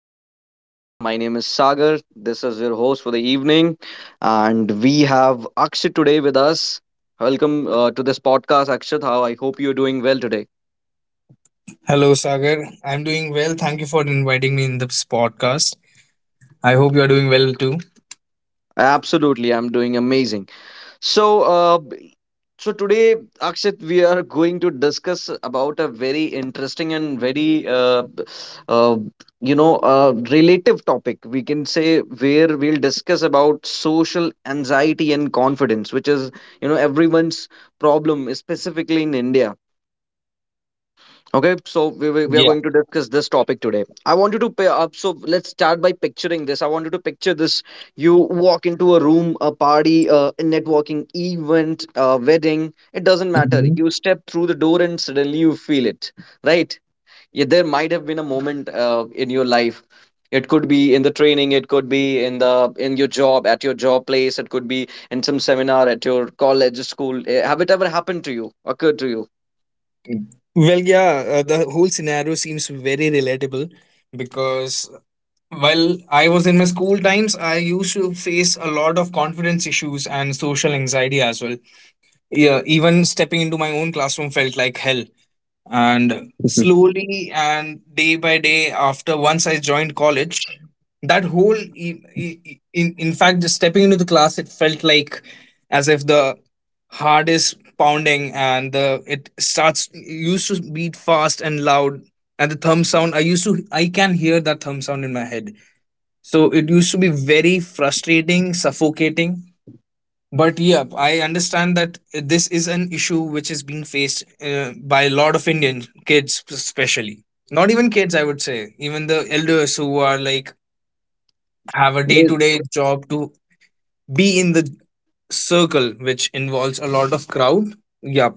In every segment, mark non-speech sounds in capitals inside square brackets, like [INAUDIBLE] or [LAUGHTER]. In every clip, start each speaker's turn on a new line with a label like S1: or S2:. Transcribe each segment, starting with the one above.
S1: to my podcast. My name is Sagar. This is your host for the evening. And we have Akshat today with us. Welcome to this podcast, Akshat. How I hope you're doing well today.
S2: Hello, Sagar. I'm doing well. Thank you for inviting me in this podcast. I hope you are doing well too.
S1: Absolutely, I'm doing amazing. So, uh, So today, Akshit, we are going to discuss about a very interesting and very, b- uh, you know, relative topic. We can say where we'll discuss about social anxiety and confidence, which is, everyone's problem, specifically in India. Okay, so we are
S2: Yeah.
S1: going to discuss this topic today. I want you to pay up. So let's start by picturing this. I want you to picture this. You walk into a room, a party, a networking event, a wedding. It doesn't matter.
S2: Mhm.
S1: You step through the door and suddenly you feel it, right? Yeah, there might have been a moment in your life. It could be in the training. It could be in the in your job at your job place. It could be in some seminar at your college, school. Have it ever happened to you? Occurred to
S2: Well, yeah, the whole scenario seems very relatable because while I was in my school times, I used to face a lot of confidence issues and social anxiety as well. Yeah, even stepping into my own classroom felt like hell. And
S1: you?
S2: slowly and day by day after once I joined college, that whole in fact, just stepping into the class it felt like as if the heart is pounding and the it starts it used to beat fast and loud, and the thumb sound, I used to I can hear that thumb sound in my head. So it used to be very frustrating, suffocating. But yeah, I understand that this is an issue which is being faced by a lot of Indian kids especially. Not even kids, I would say, even the elders who are like have a day to
S1: [LAUGHS]
S2: day job to be in the circle which involves a lot of crowd. Yep.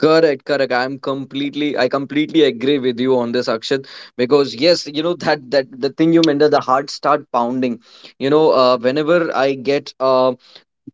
S1: Correct, correct. I completely agree with you on this, Akshat, because yes, you know that the thing you mentioned, the heart start pounding. Whenever I um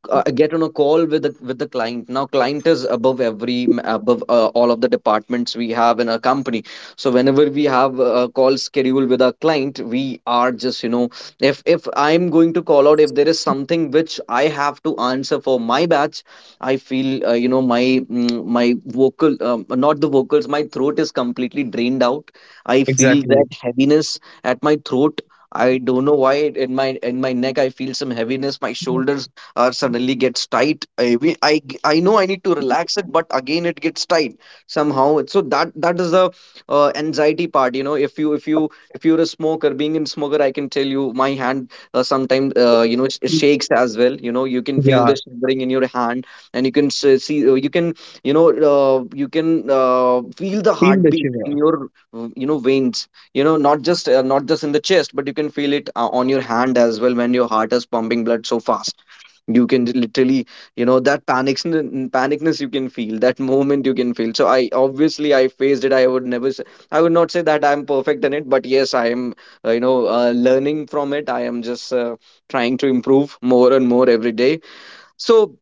S1: uh, get on a call with the client. Now client is above every above all of the departments we have in our company, so whenever we have a call schedule with our client, we are just, you know, if I am going to call out, if there is something which I have to answer for my batch, I feel, you know, my my vocal not the vocals, my throat is completely drained out. I feel
S2: Exactly.
S1: that heaviness at my throat. I don't know why. In my neck I feel some heaviness. My shoulders or suddenly gets tight. I, I know I need to relax it, but again it gets tight somehow. So that is the anxiety part. You know, if you if you if you're a smoker, being in smoker, I can tell you my hand sometimes, shakes as well. You know, you can feel
S2: Yeah,
S1: the shivering in your hand, and you can see, you can, you know, you can feel the
S2: feel the
S1: heartbeat
S2: shiver.
S1: in your, veins. You know, not just, not just in the chest, but you can feel it on your hand as well, when your heart is pumping blood so fast. You can literally, you know, that panics panicness, you can feel that moment, you can feel. So I obviously I faced it. I would not say that I'm perfect in it, but yes, I am, learning from it. I am just, trying to improve more and more every day. So,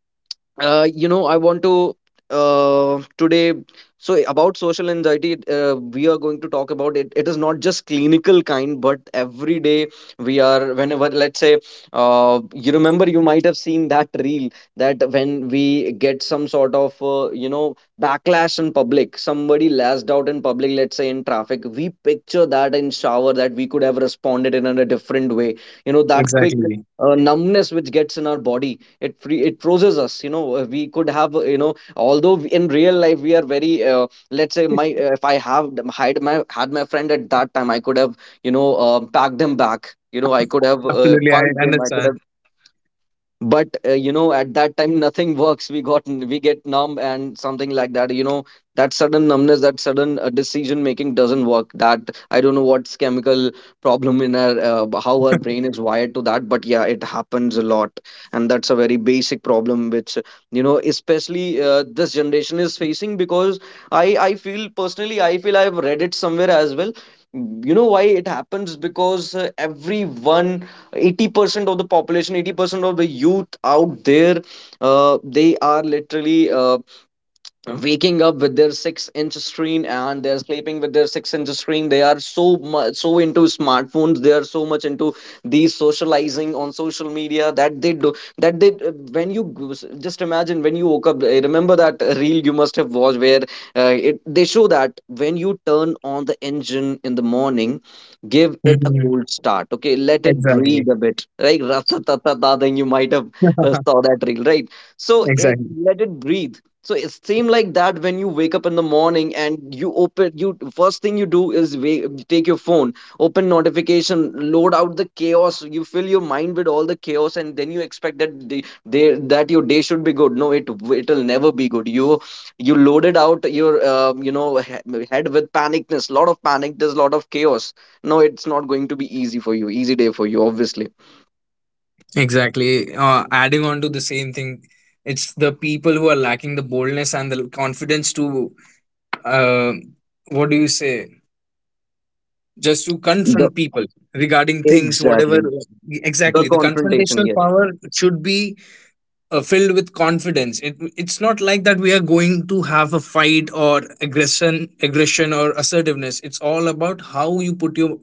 S1: I want to, today, so about social anxiety, we are going to talk about it. It is not just clinical kind, but every day. We are whenever Let's say, you remember, you might have seen that reel, that when we get some sort of, backlash in public, somebody lashed out in public, let's say in traffic, we picture that in shower that we could have responded in a different way. You know, that quick
S2: Exactly.
S1: numbness which gets in our body, it freezes us. You know, we could have, in real life we are very, let's say my if I have them- had my had my friend at that time, I could have, you know, packed him back. You know, I could have,
S2: Absolutely, I
S1: punched him, I could
S2: understand.
S1: have. But, at that time nothing works. We get numb and something like that. You know, that sudden numbness, that sudden decision making doesn't work. That I don't know what's chemical problem in our, how our brain is wired to that, but yeah, it happens a lot. And that's a very basic problem which, you know, especially this generation is facing, because I feel, personally I feel, I've read it somewhere as well. You know why it happens? Because, everyone 80% of the population, 80% of the youth out there, they are literally, waking up with their six-inch screen and they're sleeping with their six-inch screen. They are so much so into smartphones, they are so much into these socializing on social media, that they do that they, when you just imagine, when you woke up, remember that reel you must have watched where, they show that when you turn on the engine in the morning, give it a
S2: Mhm.
S1: cold start. Okay, let it
S2: Exactly.
S1: breathe a bit, right? [LAUGHS] Then you might have,
S2: [LAUGHS]
S1: saw that reel, right? So it,
S2: Exactly.
S1: let it breathe. So it same like that, when you wake up in the morning and you open you first thing you do is take your phone, open notification, load out the chaos. You fill your mind with all the chaos, and then you expect that day, day that your day should be good. No, it'll never be good. You loaded out your, head with panicness, lot of panic. There's a lot of chaos. No, it's not going to be easy for you. Easy day for you, obviously.
S2: Exactly. Adding on to the same thing, it's the people who are lacking the boldness and the confidence to, uh, what do you say, just to
S1: The
S2: confront people regarding things, whatever.
S1: exactly the
S2: Exactly. The
S1: confrontation.
S2: confrontational
S1: Yes.
S2: power should be filled with confidence. It's not like that we are going to have a fight or aggression, aggression or assertiveness. It's all about how you put your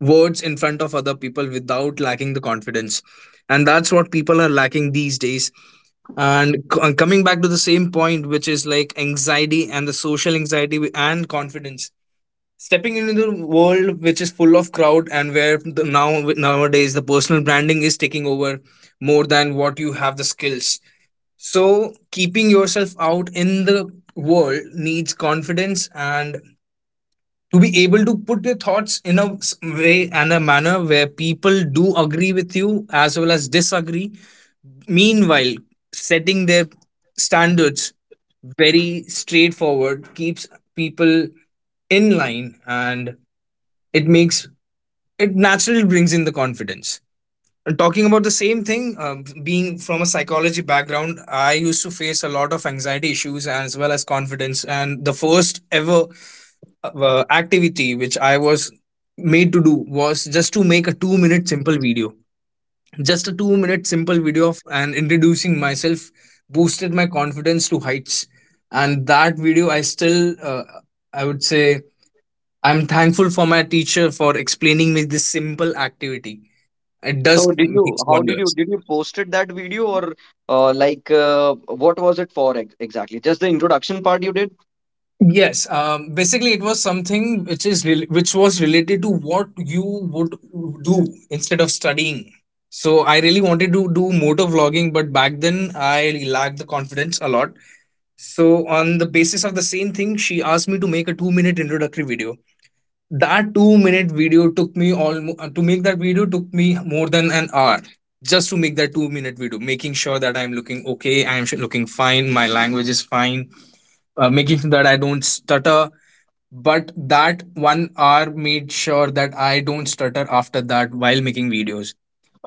S2: words in front of other people without lacking the confidence. And that's what people are lacking these days. And coming back to the same point, which is like anxiety and the social anxiety and confidence, stepping into the world which is full of crowd and where the nowadays the personal branding is taking over more than what you have the skills. So keeping yourself out in the world needs confidence and to be able to put your thoughts in a way and a manner where people do agree with you as well as disagree. Meanwhile, setting their standards very straightforward keeps people in line, and it makes, it naturally brings in the confidence. And talking about the same thing, being from a psychology background, I used to face a lot of anxiety issues as well as confidence. And the first ever activity which I was made to do was just to make a 2 minute simple video, just a 2 minute simple video of and introducing myself, boosted my confidence to heights. And that video, I still, I would say, I'm thankful for my teacher for explaining me this simple activity. It does
S1: So did you,
S2: makes
S1: how
S2: wonders.
S1: did you posted that video, or, what was it for ex exactly? Just the introduction part you did
S2: Yes, basically it was something which is rel which was related to what you would do instead of studying. So I really wanted to do motor vlogging, but back then I lacked the confidence a lot. So, on the basis of the same thing, she asked me to make a 2 minute introductory video. That 2 minute video took me almost, to make that video took me more than an hour, just to make that 2 minute video, making sure that I'm looking okay, I'm looking fine, my language is fine, making sure that I don't stutter. But that 1 hour made sure that I don't stutter after that while making videos.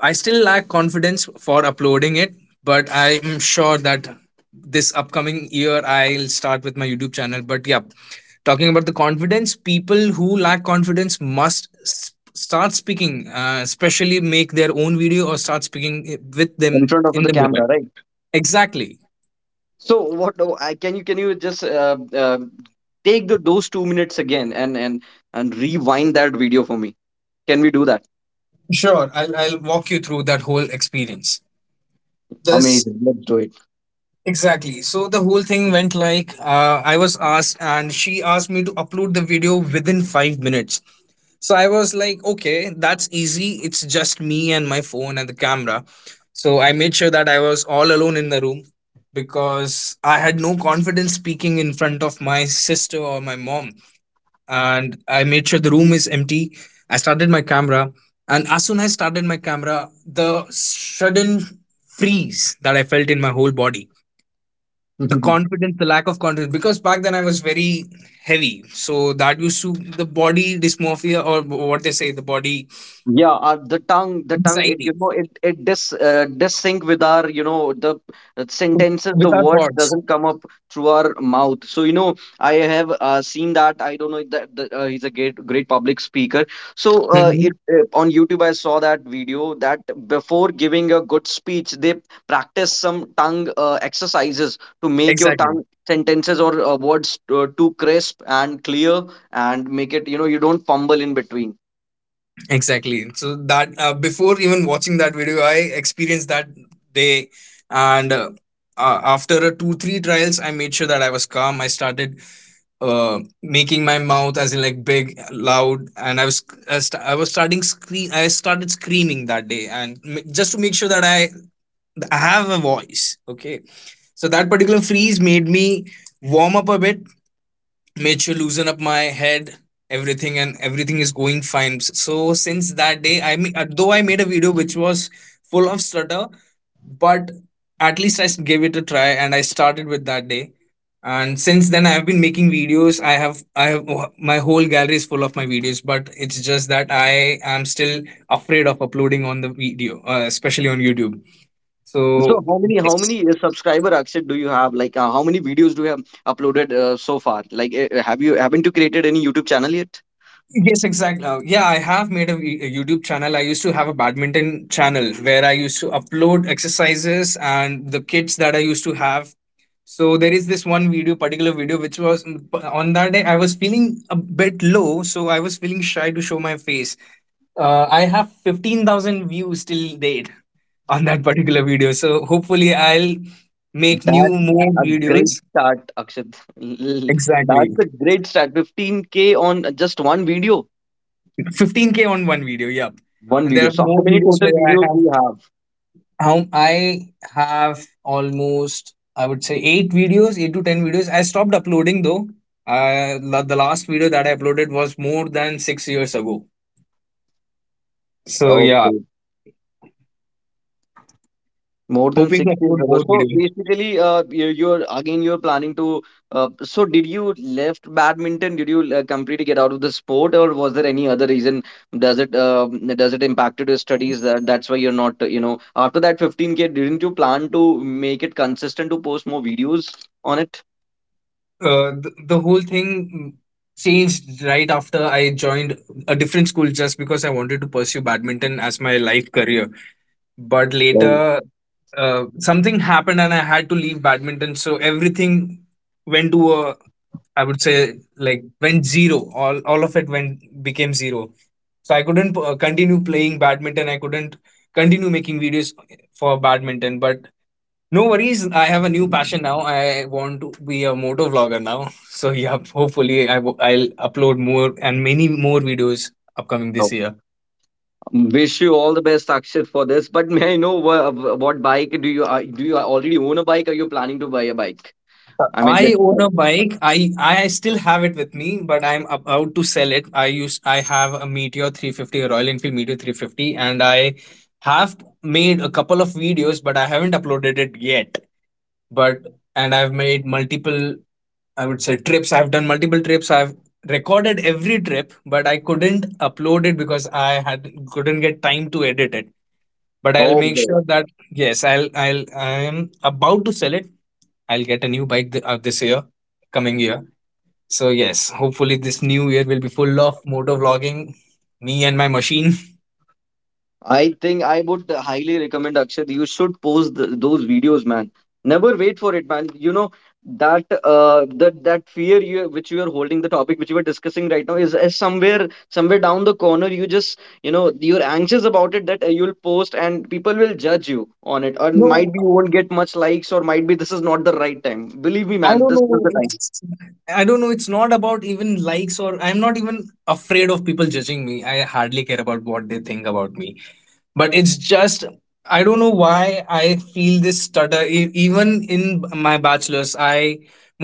S2: I still lack confidence for uploading it, but I am sure that this upcoming year I'll start with my YouTube channel. But yeah, talking about the confidence, people who lack confidence must start speaking, especially make their own video or start speaking with them
S1: in front of
S2: in
S1: the
S2: the mirror.
S1: camera, right?
S2: Exactly.
S1: So what, oh, I, can you just, take the, those 2 minutes again, and, and rewind that video for me? Can we do that?
S2: Sure, I'll walk you through that whole experience. This,
S1: Amazing. Let's do
S2: exactly. So the whole thing went like, I was asked, and she asked me to upload the video within 5 minutes. So I was like, okay, that's easy. It's just me and my phone and the camera. So I made sure that I was all alone in the room because I had no confidence speaking in front of my sister or my mom. And I made sure the room is empty. I started my camera. And as soon as I started my camera, the sudden freeze that I felt in my whole body,
S1: it.
S2: the
S1: [LAUGHS]
S2: confidence, the lack of confidence, because back then I was very heavy. So that used to, the body dysmorphia or what they say, the body
S1: Yeah, the tongue, it,
S2: anxiety
S1: you know, it dis dis sync with our, you know, the sentences, the
S2: without
S1: words
S2: thoughts.
S1: doesn't come up through our mouth. So you know, I have, seen that. I don't know if that the, he's a great public speaker. So it
S2: Hmm.
S1: on YouTube, I saw that video that before giving a good speech, they practice some tongue exercises to make your tongue
S2: Exactly.
S1: sentences or, words, too crisp and clear, and make it, you know, you don't fumble in between.
S2: Exactly. So that before even watching that video, I experienced that day. And after a 2 3 trials I made sure that I was calm. I started making my mouth as in like big loud, and I was, I was starting scream, I started screaming that day and just to make sure that I have a voice, okay. So that particular freeze made me warm up a bit, made sure loosen up my head, everything, and everything is going fine. So since that day, I mean, though I made a video which was full of stutter, but at least I gave it a try, and I started with that day. And since then, I have been making videos. I have my whole gallery is full of my videos, but it's just that I am still afraid of uploading on the video, especially on YouTube.
S1: So
S2: So
S1: how
S2: yes.
S1: many subscriber, Akshit, do you have? Like, how many videos do you have uploaded, so far? Like, haven't you created any YouTube channel yet?
S2: Yes, exactly. Yeah, I have made a a YouTube channel. I used to have a badminton channel where I used to upload exercises and the kits that I used to have. So there is this one video, particular video, which was on that day I was feeling a bit low, so I was feeling shy to show my face. I have 15,000 views till date on that particular video. So hopefully I'll make new
S1: That's
S2: more
S1: a great
S2: videos.
S1: start, Akshit. [LAUGHS]
S2: Exactly,
S1: That's a great start. 15k on just one video.
S2: 15 k on one video. Yep,
S1: One
S2: and there
S1: video.
S2: are
S1: So how
S2: more
S1: many
S2: videos
S1: total
S2: where I
S1: videos
S2: have,
S1: do you have?
S2: how I have almost, I would say, eight videos, eight to ten videos. I stopped uploading though. The last video that I uploaded was more than 6 years ago. So yeah,
S1: Okay. More than
S2: hoping
S1: six
S2: to
S1: years
S2: upload
S1: ago.
S2: more
S1: So
S2: videos.
S1: basically, you're again you're planning to. So did you left badminton? Did you, completely get out of the sport, or was there any other reason? Does it, does it impacted your studies? That's why you're not. You know, after that 15K, didn't you plan to make it consistent to post more videos on it?
S2: The whole thing changed right after I joined a different school just because I wanted to pursue badminton as my life career. But
S1: Oh,
S2: later, something happened and I had to leave badminton. So everything went to a, I would say like, went zero. All of it went, became zero. So I couldn't continue playing badminton. I couldn't continue making videos for badminton. But no worries, I have a new passion now. I want to be a moto vlogger now. [LAUGHS] So yeah, hopefully I I'll upload more and many more videos upcoming this
S1: oh.
S2: year.
S1: Wish you all the best, Akshit, for this. But may I know what bike do you, do you already own a bike? Are you planning to buy a bike? I mean,
S2: I
S1: which
S2: own
S1: bike?
S2: a bike. I still have it with me, but I'm about to sell it. I have a Meteor 350, a Royal Enfield Meteor 350, and I have made a couple of videos, but I haven't uploaded it yet. But and I've made multiple, I would say, trips. I've done multiple trips. I've recorded every trip, but I couldn't upload it because I had couldn't get time to edit it. But I'll
S1: Oh,
S2: make sure that yes, I'm about to sell it. I'll get a new bike this year, coming year. So yes, hopefully this new year will be full of motor vlogging. Me and my machine. [LAUGHS]
S1: I think I would highly recommend, Akshat, you should post th those videos, man. Never wait for it, man. You know that, that that fear you which you are holding, the topic which you are discussing right now is somewhere somewhere down the corner. You just, you know, you're anxious about it, that, you'll post and people will judge you on it, and
S2: No,
S1: might be you won't get much likes, or might be this is not the right time. Believe me,
S2: I
S1: man,
S2: don't
S1: this
S2: know.
S1: is the time
S2: It's, I don't know. It's not about even likes, or I'm not even afraid of people judging me. I hardly care about what they think about me. But it's just, I don't know why I feel this stutter. Even in my bachelor's, I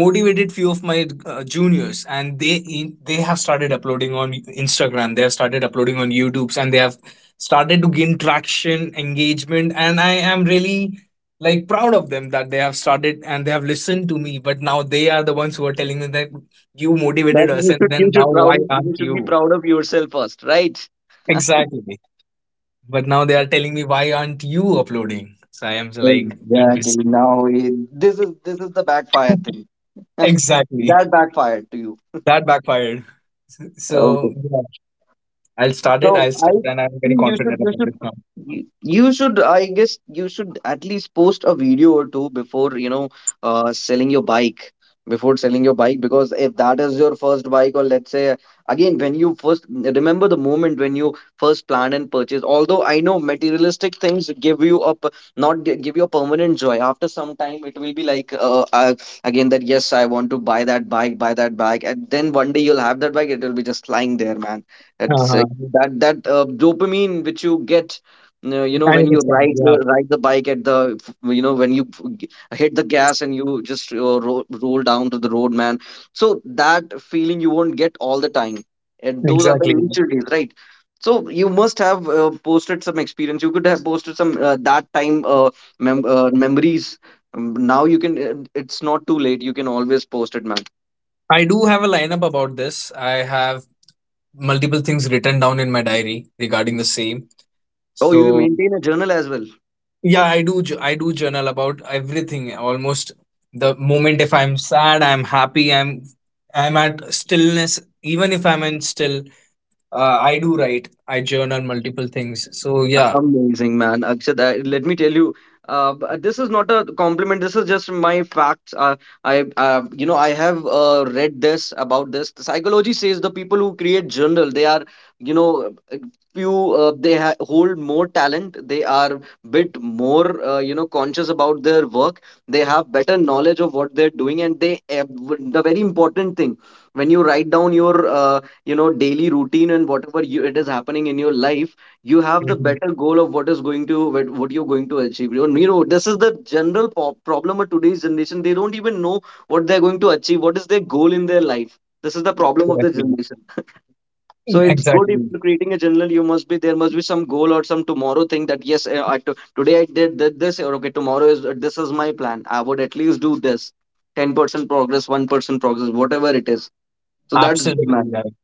S2: motivated few of my juniors, and they have started uploading on Instagram, they have started uploading on YouTube, and they have started to gain traction, engagement. And I am really like proud of them that they have started and they have listened to me. But now they are the ones who are telling me that you motivated
S1: that
S2: us and then now why aren't
S1: you should be
S2: you.
S1: proud of yourself first, right?
S2: Exactly. But now they are telling me, why aren't you uploading? So I am like, I'm
S1: Exactly.
S2: busy.
S1: Now this is the backfire thing.
S2: [LAUGHS]
S1: [LAUGHS]
S2: Exactly.
S1: That backfired to you.
S2: That backfired. [LAUGHS] So
S1: Okay.
S2: yeah, I'll start it. I'll
S1: So I
S2: start, and I'm very
S1: think you
S2: confident
S1: should you
S2: about
S1: should
S2: this now.
S1: you you should I guess you should at least post a video or two before selling your bike before selling your bike, because if that is your first bike, or let's say, again when you first remember the moment when you first plan and purchase. Although I know materialistic things give you a p- not gi- give you a permanent joy, after some time it will be like again that yes, I want to buy that bike, buy that bike, and then one day you'll have that bike, it will be just lying there, man. It's
S2: Uh-huh.
S1: that that dopamine which you get,
S2: I
S1: when you
S2: understand. Yeah,
S1: ride the bike at the, when you hit the gas and you just roll down to the road, man. So that feeling you won't get all the time, and those are the
S2: exactly.
S1: initial days, right? So you must have posted some experience. You could have posted some that time memories. Now you can. It's not too late. You can always post it, man.
S2: I do have a lineup about this. I have multiple things written down in my diary regarding the same.
S1: Oh, you
S2: So
S1: maintain a journal as well.
S2: yeah, I do. I do journal about everything. Almost the moment, if I'm sad, I'm happy, I'm at stillness. Even if I'm in still, I do write. I journal multiple things. So yeah.
S1: Amazing, man. Akshat, I, let me tell you, this is not a compliment. This is just my facts. You know, I have read this about this. The psychology says the people who create journal, they are, you know, uh, few. They ha hold more talent. They are bit more, you know, conscious about their work. They have better knowledge of what they're doing, and they, the very important thing, when you write down your, you know, daily routine and whatever you, it is happening in your life, you have the
S2: Mhm.
S1: better goal of what is going to, what you're going to achieve, you know. This is the general problem of today's generation. They don't even know what they're going to achieve, what is their goal in their life. This is the problem of the
S2: Exactly.
S1: generation. [LAUGHS] So it's good if
S2: Exactly.
S1: you're creating a journal, you must be, there must be some goal or some tomorrow thing, that yes, eh, I to today I did this, or okay, tomorrow is this is my plan, I would at least do this. 10% progress, 1% progress, whatever it is. So that's good,
S2: Absolutely
S1: man.
S2: right.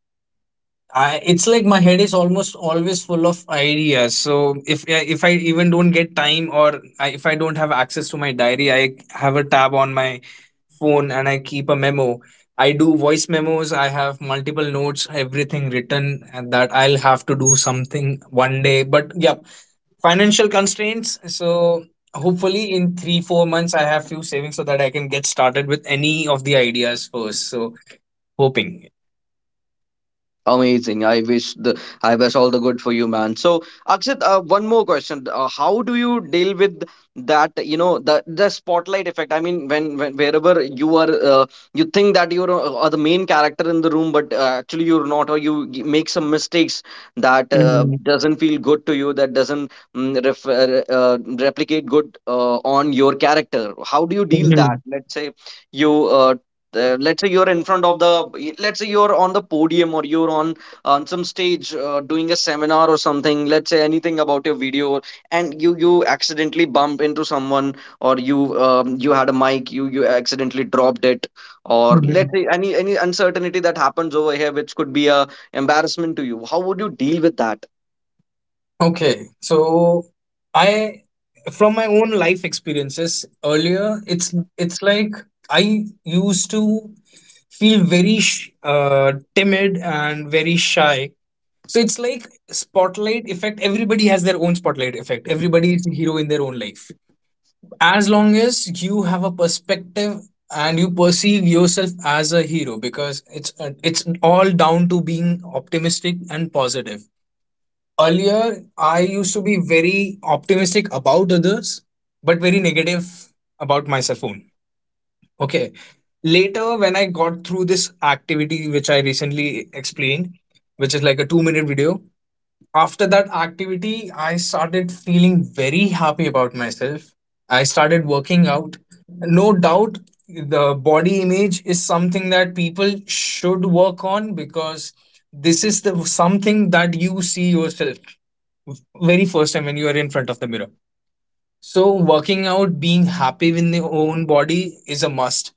S2: I, it's like my head is almost always full of ideas. So if I even don't get time or if I don't have access to my diary, I have a tab on my phone and I keep a memo. I do voice memos. I have multiple notes, everything written, and that I'll have to do something one day. But yeah, financial constraints, so hopefully in 3 or 4 months I have few savings so that I can get started with any of the ideas first. So hoping.
S1: Amazing. I wish all the good for you, man. So, Akshit, one more question. How do you deal with that, you know, the spotlight effect? I mean, when wherever you are, you think that you're are the main character in the room, but actually you're not, or you make some mistakes that
S2: Mhm,
S1: doesn't feel good to you, that doesn't replicate good on your character. How do you deal that?
S2: mhm,
S1: Let's say you let's say you're in front of the, let's say you're on the podium or you're on some stage doing a seminar or something, let's say anything about your video, and you accidentally bump into someone, or you had a mic, you accidentally dropped it, or let's
S2: mhm.
S1: say any uncertainty that happens over here, which could be a embarrassment to you. How would you deal with that?
S2: Okay, so I, from my own life experiences earlier, it's like I used to feel very timid and very shy. So it's like spotlight effect. Everybody has their own spotlight effect. Everybody is a hero in their own life, as long as you have a perspective and you perceive yourself as a hero, because it's all down to being optimistic and positive. Earlier I used to be very optimistic about others, but very negative about myself own. Okay, later when I got through this activity, which I recently explained, which is like a 2-minute video, after that activity I started feeling very happy about myself. I started working out. No doubt, the body image is something that people should work on, because this is the something that you see yourself very first time when you are in front of the mirror. So working out, being happy with your own body is a must.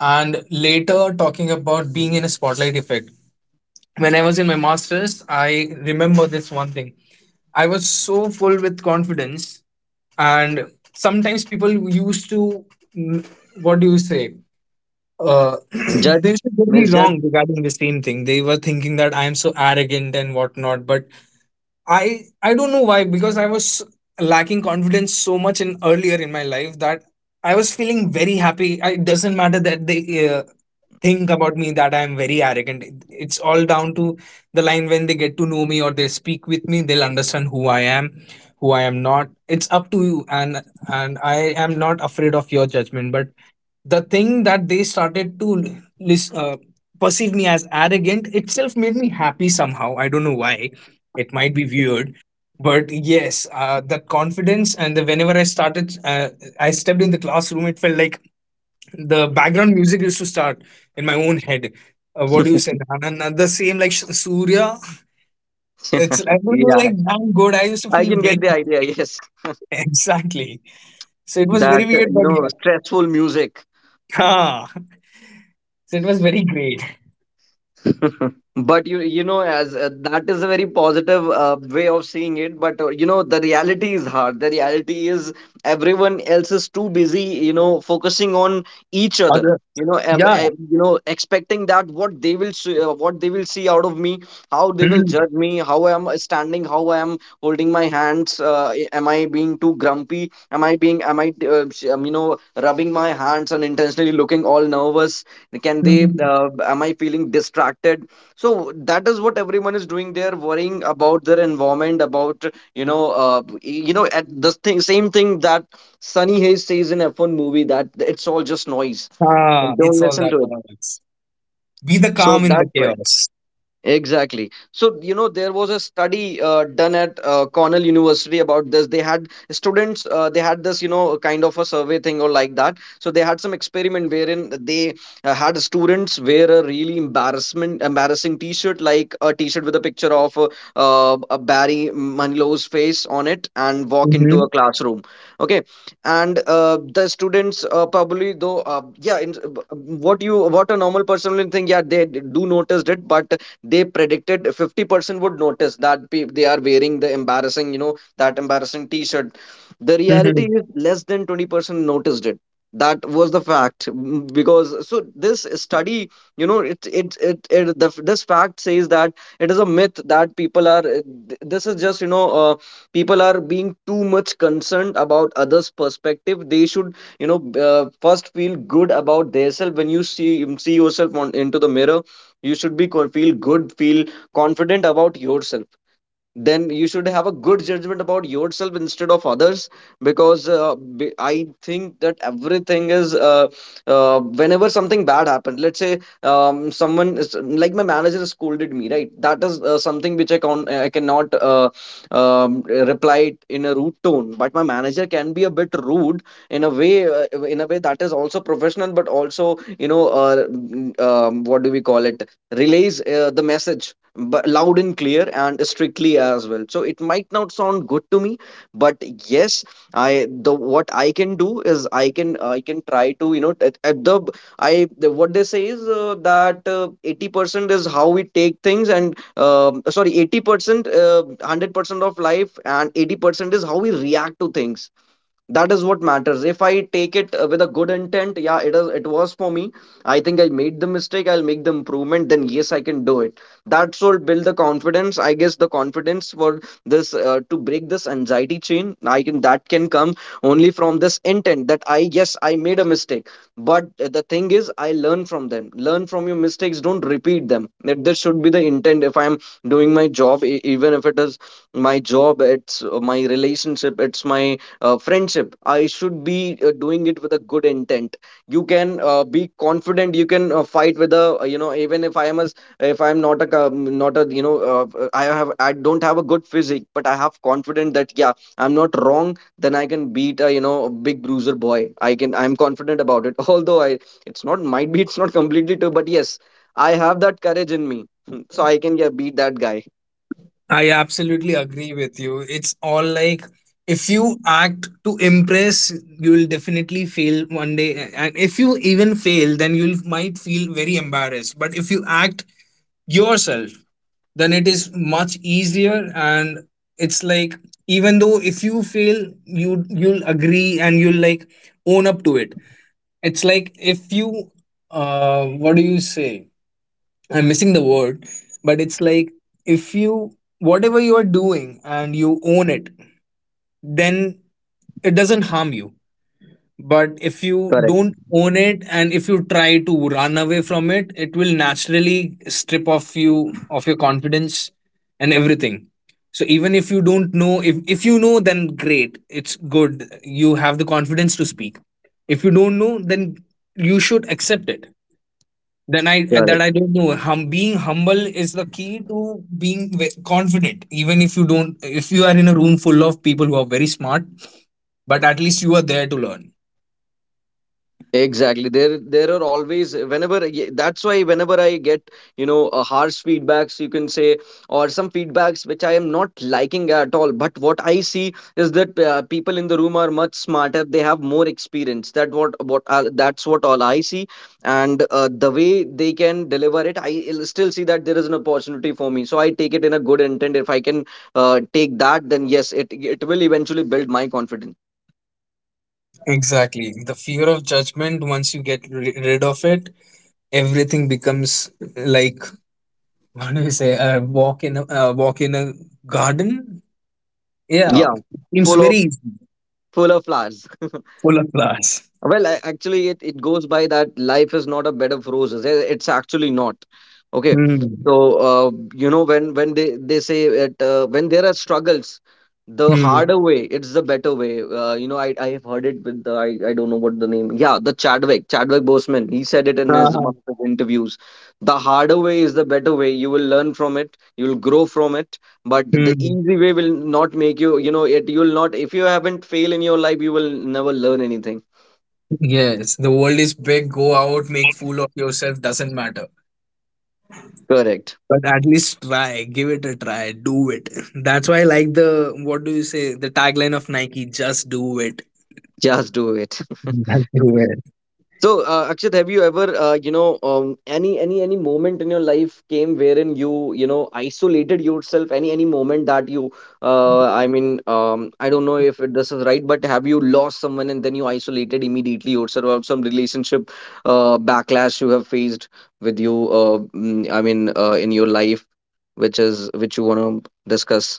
S2: And later, talking about being in a spotlight effect, when I was in my master's, I remember this one thing. I was so full with confidence, and sometimes people used to, mm, what do you say? [CLEARS THROAT] They
S1: Judge.
S2: used to get me wrong
S1: Misjudge.
S2: regarding the same thing. They were thinking that I am so arrogant and whatnot, but I don't know why, because I was lacking confidence so much in earlier in my life that I was feeling very happy. I, it doesn't matter that they think about me that I am very arrogant. It's all down to the line when they get to know me or they speak with me. They'll understand who I am not. It's up to you. And I am not afraid of your judgment. But the thing that they started to lis- uh, perceive me as arrogant itself made me happy somehow. I don't know why. It might be weird, but yes, that confidence, and the whenever I stepped in the classroom, it felt like the background music used to start in my own head. What do you
S1: [LAUGHS]
S2: say, Anand? The same like Surya. It's, I was
S1: Yeah,
S2: like damn good. I used to
S1: I
S2: feel
S1: can get
S2: very
S1: the idea,
S2: great.
S1: yes. [LAUGHS]
S2: [LAUGHS] Exactly. So it was
S1: That
S2: very weird,
S1: you
S2: but
S1: know,
S2: yeah.
S1: stressful music.
S2: [LAUGHS] Ah. So it was very great.
S1: [LAUGHS] But you know, as that is a very positive way of seeing it, but you know, the reality is hard. The reality is everyone else is too busy, you know, focusing on each other,
S2: Other-
S1: you know.
S2: yeah.
S1: You know, expecting that what they will see, what they will see out of me, how they will
S2: Mhm,
S1: judge me, how I am standing, how I am holding my hands, am I being too grumpy, am I you know, rubbing my hands and intentionally looking all nervous, can they
S2: mhm.
S1: am I feeling distracted. So that is what everyone is doing. They're worrying about their environment, about, you know, at the thing, same thing that Sunny Hayes says in F1 movie, that it's all just noise.
S2: Ah,
S1: Like, don't
S2: it's all
S1: listen
S2: that
S1: to it.
S2: noise. Be the
S1: So
S2: calm in the
S1: that's right.
S2: chaos.
S1: Exactly. So, you know, there was a study done at Cornell University about this. They had students, they had this, you know, kind of a survey thing or like that. So, they had some experiment wherein they had students wear a really embarrassing t shirt, like a t shirt with a picture of a Barry Manilow's face on it, and walk into
S2: Mm-hmm.
S1: a classroom. Okay. And the students, probably, though, yeah, what you, what a normal person will think, yeah, they do noticed it, but they predicted 50% would notice that they are wearing the embarrassing, you know, that embarrassing t-shirt. The reality
S2: Mm-hmm.
S1: is less than 20% noticed it. That was the fact. Because so, this study, you know, this fact says that it is a myth that people are this is just, you know, people are being too much concerned about others perspective. They should, you know, first feel good about themselves. When you see yourself on into the mirror, you should feel good, feel confident about yourself. Then you should have a good judgment about yourself instead of others, because I think that everything is whenever something bad happened, let's say someone is like, my manager scolded me, right? That is something which I can, I cannot um, reply it in a rude tone, but my manager can be a bit rude in a way, in a way that is also professional, but also, you know, what do we call it, relays the message, but loud and clear and strictly as well. So it might not sound good to me, but yes, I the what I can do is I can, I can try to, you know, at the I the, what they say is that 80% is how we take things, and sorry, 80% uh, 100% of life and 80% is how we react to things. That is what matters. If I take it with a good intent, yeah, it is, it was for me, I think I made the mistake, I'll make the improvement, then yes, I can do it. That's what build the confidence, I guess. The confidence for this to break this anxiety chain, I can that can come only from this intent, that I, yes, I made a mistake, but the thing is, I learn from them, learn from your mistakes, don't repeat them. That this should be the intent. If I'm doing my job, even if it is my job, it's my relationship, it's my friendship, I should be doing it with a good intent. You can be confident, you can fight with a you know, even if I am a if I am not a not a, you know, I have, I don't have a good physique, but I have confidence that yeah, I'm not wrong, then I can beat a, you know, a big bruiser boy, I can, I'm confident about it. [LAUGHS] Although I, it's not, might be it's not completely true, but yes, I have that courage in me. [LAUGHS] So I can, yeah, beat that guy.
S2: I absolutely agree with you. It's all like, if you act to impress, you will definitely fail one day. And if you even fail, then you might feel very embarrassed. But if you act yourself, then it is much easier. And it's like, even though if you fail, you'll agree and you'll like own up to it. It's like if you, what do you say? I'm missing the word, but it's like if you, whatever you are doing and you own it, then it doesn't harm you. But if you
S1: Correct.
S2: don't own it, and if you try to run away from it, it will naturally strip off you of your confidence and everything. So even if you don't know, if you know, then great, it's good. You have the confidence to speak. If you don't know, then you should accept it. Then I, that I don't know. Being humble is the key to being confident. Even if you don't, if you are in a room full of people who are very smart, but at least you are there to learn.
S1: Exactly. There are always whenever. That's why whenever I get, you know, harsh feedbacks, you can say, or some feedbacks which I am not liking at all. But what I see is that people in the room are much smarter. They have more experience. That what that's what all I see, and the way they can deliver it, I still see that there is an opportunity for me. So I take it in a good intent. If I can take that, then yes, it will eventually build my confidence.
S2: Exactly. The fear of judgment, once you get rid of it, everything becomes like [LAUGHS] what do we say? A walk in a walk in a garden. Yeah,
S1: Yeah,
S2: seems
S1: full
S2: very
S1: of
S2: easy.
S1: full of flowers.
S2: Full of flowers.
S1: Well, I, actually, it goes by that life is not a bed of roses. Eh, it's actually not. Okay.
S2: Hmm.
S1: So, you know, when they say it, when there are struggles, the
S2: Hmm.
S1: harder way, it's the better way. You know, I have heard it with I don't know what the name. Yeah, the Chadwick Boseman. He said it in his one of his interviews. The harder way is the better way. You will learn from it. You'll grow from it. But the easy way will not make you, you know, you will not, if you haven't failed in your life, you will never learn anything. Correct. Just do it. [LAUGHS] So, Akshat, have you ever, you know, any any moment in your life came wherein you, you know, isolated yourself? Any moment that you, I mean, I don't know if this is right, but have you lost someone and then you isolated immediately yourself? Or some relationship backlash you have faced with you, I mean, in your life, which is which you want to discuss?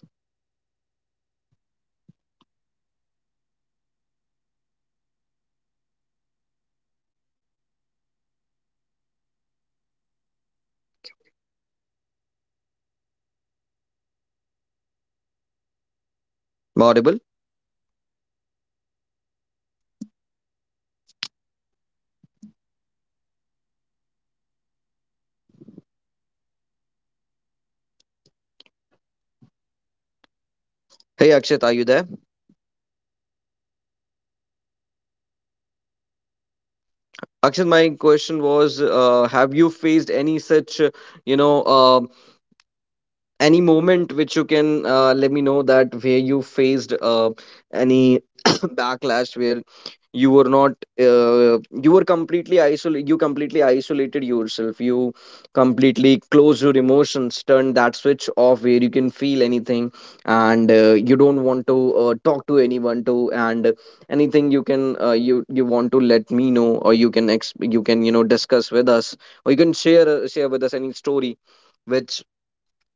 S1: Am I Audible? Hey, Akshat, are you there? Akshat, my question was, have you faced any such, you know, any moment which you can let me know, that where you faced any [COUGHS] backlash where you were not you were completely isolated, you completely isolated yourself, you completely closed your emotions, turned that switch off, where you can feel anything, and you don't want to talk to anyone to and anything. You can you, you want to let me know, or you can you can, you know, discuss with us, or you can share share with us any story which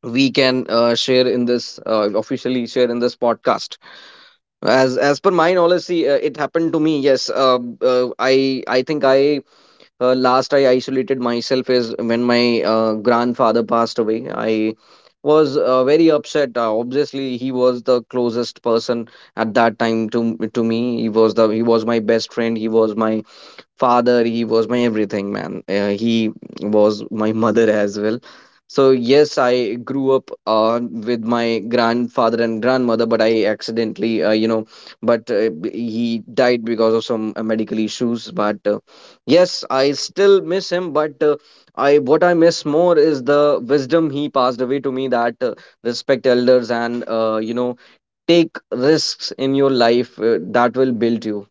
S1: we can share in this, officially share in this podcast. As per my knowledge, see, it happened to me, yes, I think I, last I isolated myself is when my grandfather passed away. I was very upset. Obviously he was the closest person at that time to me. He was my best friend, he was my father, he was my everything, man. He was my mother as well. So yes, I grew up with my grandfather and grandmother, but I accidentally you know, but he died because of some medical issues, but yes, I still miss him, but I, what I miss more is the wisdom he passed away to me, that respect elders and you know, take risks in your life. That will build you